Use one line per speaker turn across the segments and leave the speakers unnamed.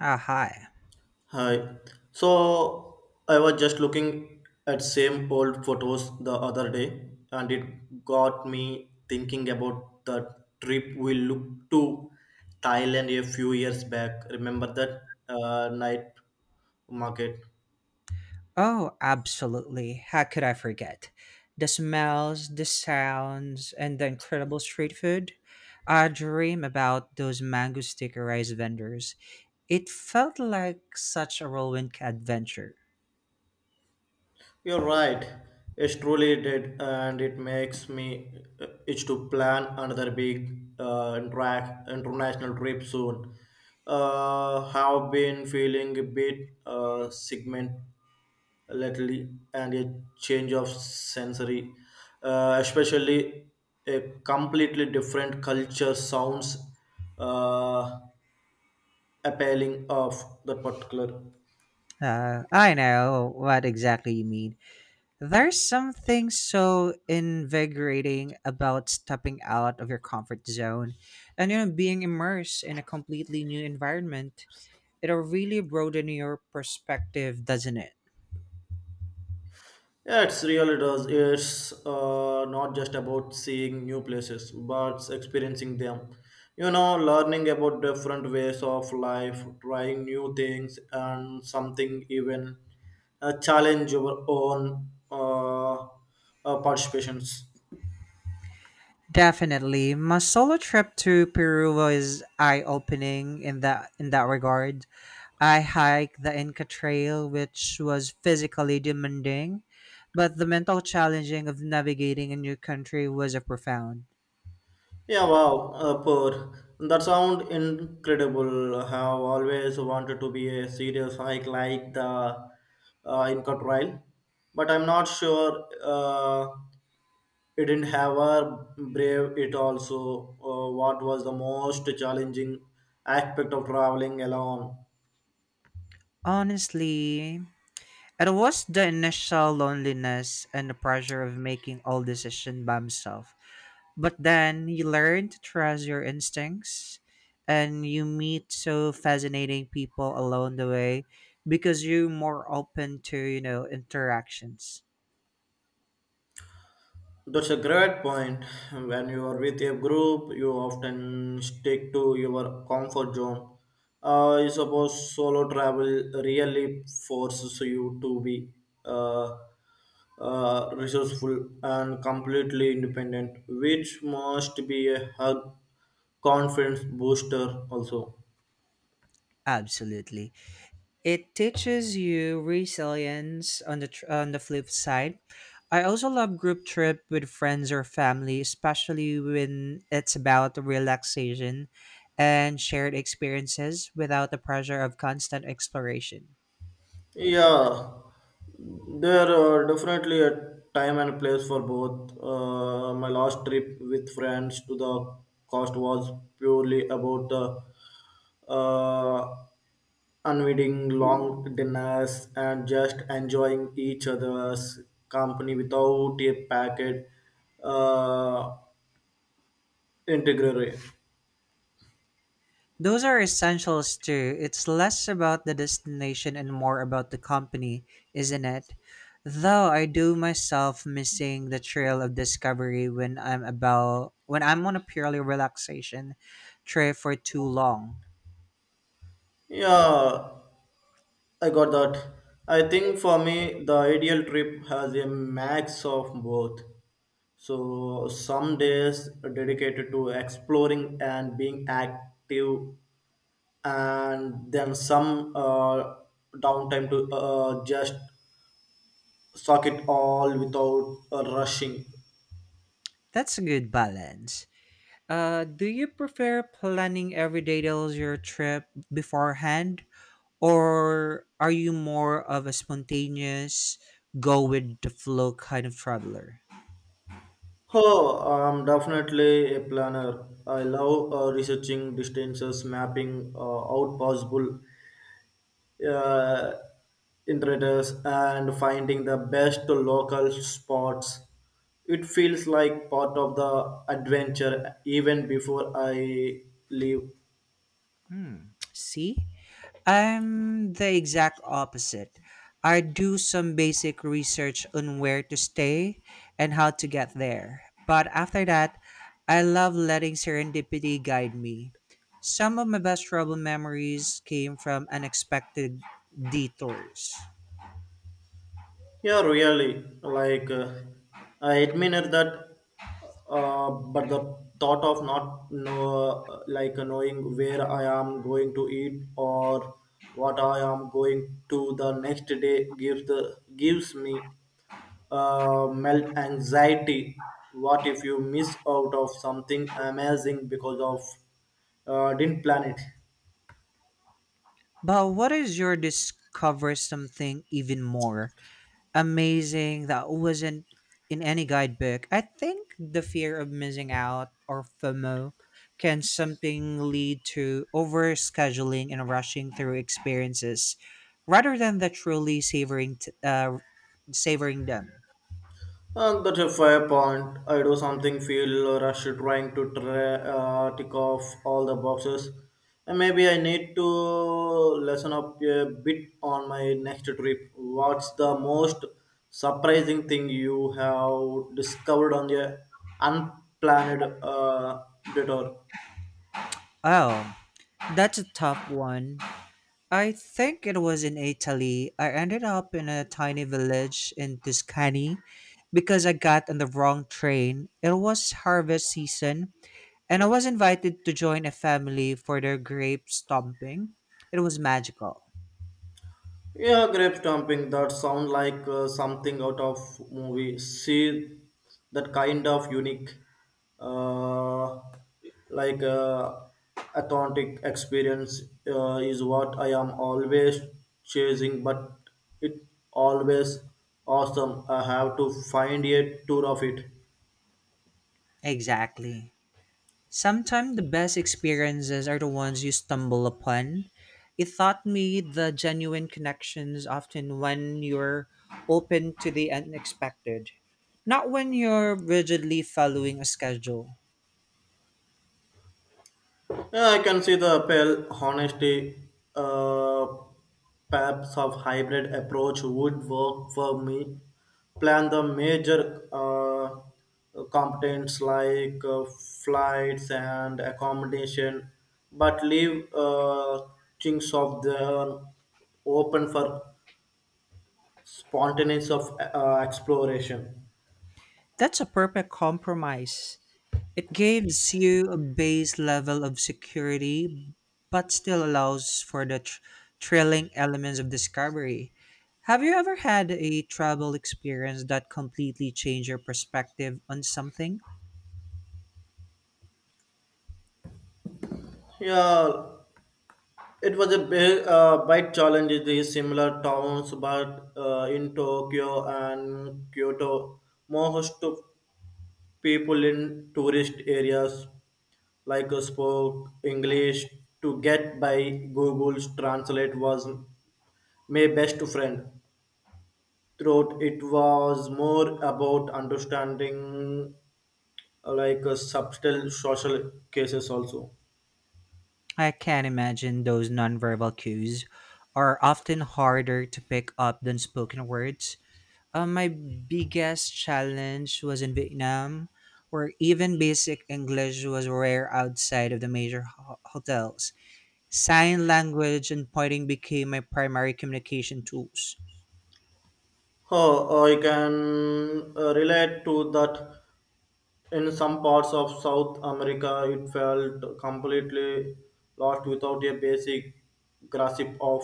Ah, hi.
Hi. So I was just looking at same old photos the other day and it got me thinking about the trip we looked to Thailand a few years back. Remember that night market?
Oh, absolutely. How could I forget? The smells, the sounds, and the incredible street food. I dream about those mango sticker rice vendors. It felt like such a whirlwind adventure.
You're right. It's truly did, and it makes me itch to plan another big international trip soon. Have been feeling a bit segment lately, and a change of sensory, especially a completely different culture sounds uh, appealing of that particular.
I know what exactly you mean. There's something so invigorating about stepping out of your comfort zone and being immersed in a completely new environment. It'll really broaden your perspective, doesn't it?
Yeah, it's really does. It's not just about seeing new places, but experiencing them. You know, learning about different ways of life, trying new things, and something even challenge your own participations.
Definitely. My solo trip to Peru was eye-opening in that regard. I hiked the Inca Trail, which was physically demanding, but the mental challenging of navigating a new country was a profound.
Yeah, wow, poor. That sound incredible. I have always wanted to be a serious hike like the Inca Trail, but I'm not sure. It didn't have a brave it also. What was the most challenging aspect of traveling alone?
Honestly, it was the initial loneliness and the pressure of making all decisions by himself. But then you learn to trust your instincts and you meet so fascinating people along the way because you're more open to, interactions.
That's a great point. When you are with a group, you often stick to your comfort zone. I suppose solo travel really forces you to be uh, resourceful and completely independent, which must be a hug confidence booster also.
Absolutely. It teaches you resilience on the on the flip side. I also love group trip with friends or family, especially when it's about relaxation and shared experiences without the pressure of constant exploration.
Yeah, there are definitely a time and place for both. My last trip with friends to the coast was purely about the uh, unwinding long dinners and just enjoying each other's company without a packet uh, integrity.
Those are essentials too. It's less about the destination and more about the company, isn't it? Though I do myself missing the trail of discovery when I'm on a purely relaxation trip for too long.
Yeah, I got that. I think for me, the ideal trip has a max of both. So some days dedicated to exploring and being active, and then some downtime to just soak it all without rushing.
That's a good balance. Do you prefer planning every detail of your trip beforehand, or are you more of a spontaneous, go with the flow kind of traveler?
Oh, I'm definitely a planner. I love researching distances, mapping out possible uh, intruders and finding the best local spots. It feels like part of the adventure even before I leave.
Hmm. See? I'm the exact opposite. I do some basic research on where to stay and how to get there. But after that, I love letting serendipity guide me. Some of my best travel memories came from unexpected detours.
Yeah, really. I admire that, but the thought of not know, knowing where I am going to eat or what I am going to the next day gives the gives me melt anxiety. What if you miss out of something amazing because of didn't plan it?
But what is your discover something even more amazing that wasn't in any guidebook. I think the fear of missing out or FOMO can something lead to overscheduling and rushing through experiences rather than the truly savoring them.
And that's a fair point. I do something feel rushed trying to tick off all the boxes. And maybe I need to lessen up a bit on my next trip. What's the most surprising thing you have discovered on the unplanned detour?
Oh, that's a tough one. I think it was in Italy. I ended up in a tiny village in Tuscany because I got on the wrong train. It was harvest season, and I was invited to join a family for their grape stomping. It was magical.
Yeah, grape stomping. That sound like something out of movie. See that kind of unique, uh, like uh, authentic experience is what I am always chasing. But it always awesome. I have to find a tour of it.
Exactly. Sometimes the best experiences are the ones you stumble upon. It taught me the genuine connections often when you're open to the unexpected, not when you're rigidly following a schedule.
Yeah, I can see the appeal. Honesty, uh, perhaps of hybrid approach would work for me. Plan the major components flights and accommodation, but leave things of the open for spontaneous of exploration.
That's a perfect compromise. It gives you a base level of security, but still allows for the thrilling elements of discovery. Have you ever had a travel experience that completely changed your perspective on something?
Yeah, it was a big bike challenge in the similar towns, but in Tokyo and Kyoto, most to people in tourist areas spoke English to get by. Google's translate was my best friend. Throughout it was more about understanding subtle social cases also.
I can imagine those nonverbal cues are often harder to pick up than spoken words. My biggest challenge was in Vietnam, where even basic English was rare outside of the major hotels. Sign language and pointing became my primary communication tools.
Oh, I can relate to that. In some parts of South America, it felt completely lost without a basic grasp of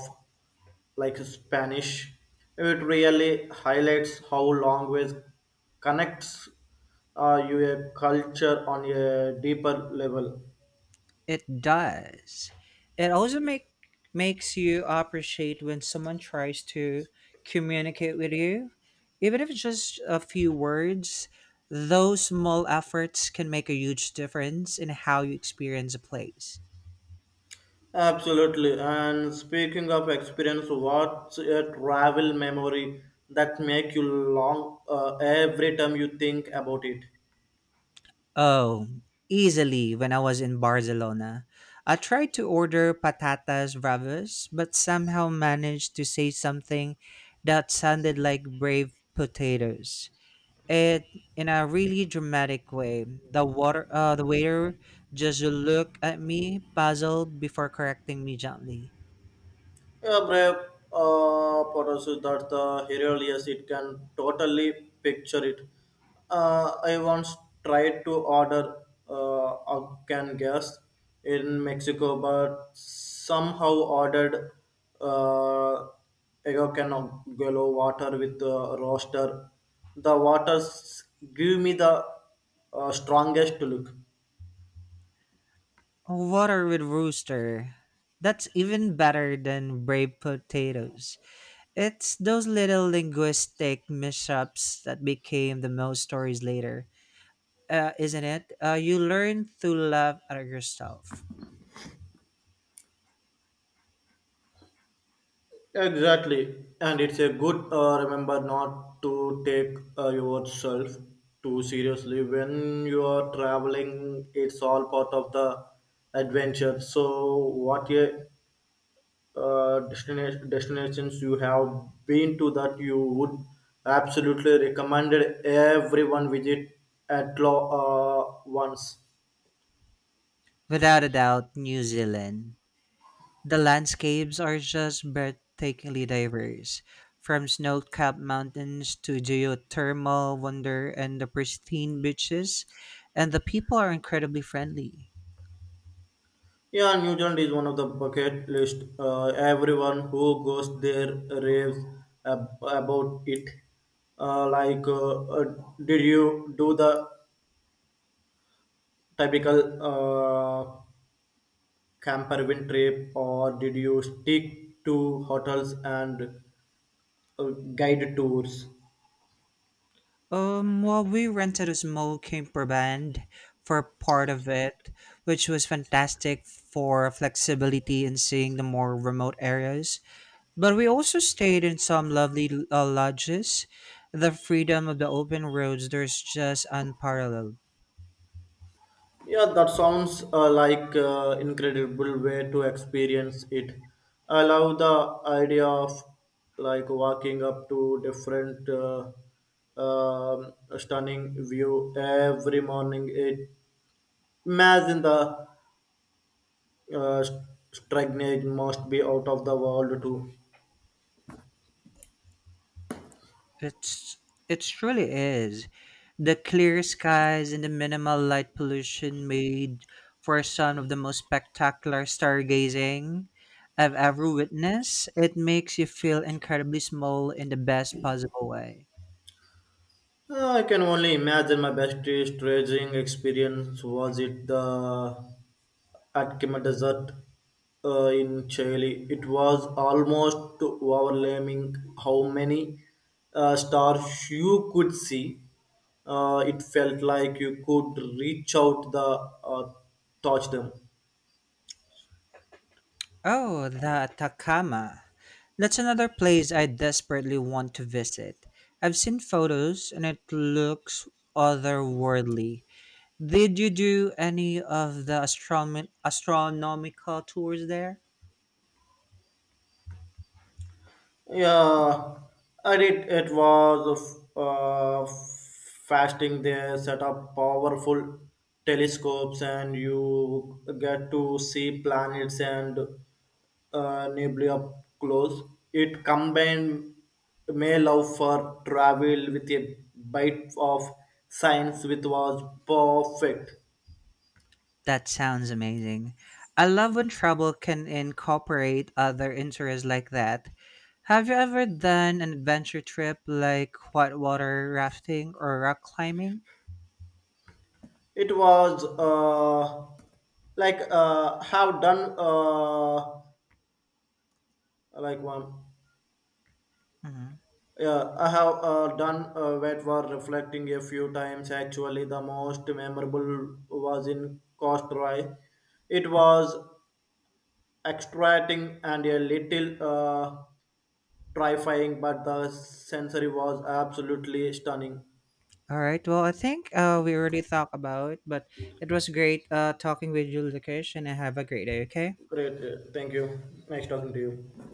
like Spanish. It really highlights how language connects your culture on a deeper level.
It does. It also makes you appreciate when someone tries to communicate with you, even if it's just a few words. Those small efforts can make a huge difference in how you experience a place.
Absolutely. And speaking of experience, what's a travel memory that make you long every time you think about it?
Oh, easily when I was in Barcelona. I tried to order patatas bravas, but somehow managed to say something that sounded like brave potatoes. It in a really dramatic way. The water the waiter just looked at me, puzzled before correcting me gently.
A brave potosy that the hero, yes, it can totally picture it. I once tried to order a can gas in Mexico, but somehow ordered uh, a can of yellow water with a roaster. The waters give me the strongest look.
Water with rooster. That's even better than brave potatoes. It's those little linguistic mishaps that became the most stories later, isn't it? You learn to laugh at yourself.
Exactly, and it's a good remember not to take yourself too seriously when you are traveling. It's all part of the adventure. So, what a, destinations you have been to that you would absolutely recommend everyone visit at law once.
Without a doubt, New Zealand. The landscapes are just breathtakingly diverse, from snow capped mountains to geothermal wonder and the pristine beaches, and the people are incredibly friendly.
Yeah, New Zealand is one of the bucket list. Everyone who goes there raves about it. Uh, like, uh, uh, did you do the typical uh, camper van trip, or did you stick to hotels and uh, guided tours?
We rented a small camper van for part of it, which was fantastic for flexibility and seeing the more remote areas. But we also stayed in some lovely lodges. The freedom of the open roads there's just unparalleled.
Yeah, that sounds incredible way to experience it. I love the idea of like walking up to different stunning view every morning. It imagine the uh, stagnant must be out of the world too.
It's it truly is. The clear skies and the minimal light pollution made for some of the most spectacular stargazing I've ever witnessed. It makes you feel incredibly small in the best possible way.
I can only imagine my best staging experience was it the Atacama Desert in Chile. It was almost overwhelming how many stars you could see. It felt like you could reach out the touch them.
Oh, the Atacama. That's another place I desperately want to visit. I've seen photos and it looks otherworldly. Did you do any of the astronomical tours there?
Yeah, and it was fasting. They set up powerful telescopes, and you get to see planets and nebulae up close. It combined my love for travel with a bite of science, which was perfect.
That sounds amazing. I love when travel can incorporate other interests like that. Have you ever done an adventure trip like whitewater rafting or rock climbing?
It was have done one.
Mhm.
Yeah, I have done wet war reflecting a few times. Actually, the most memorable was in Costroy. It was extracting and a little terrifying, but the sensory was absolutely stunning.
All right. Well, I think we already talked about it, but it was great talking with you, Lucas, and have a great day, okay?
Great, thank you. Nice talking to you.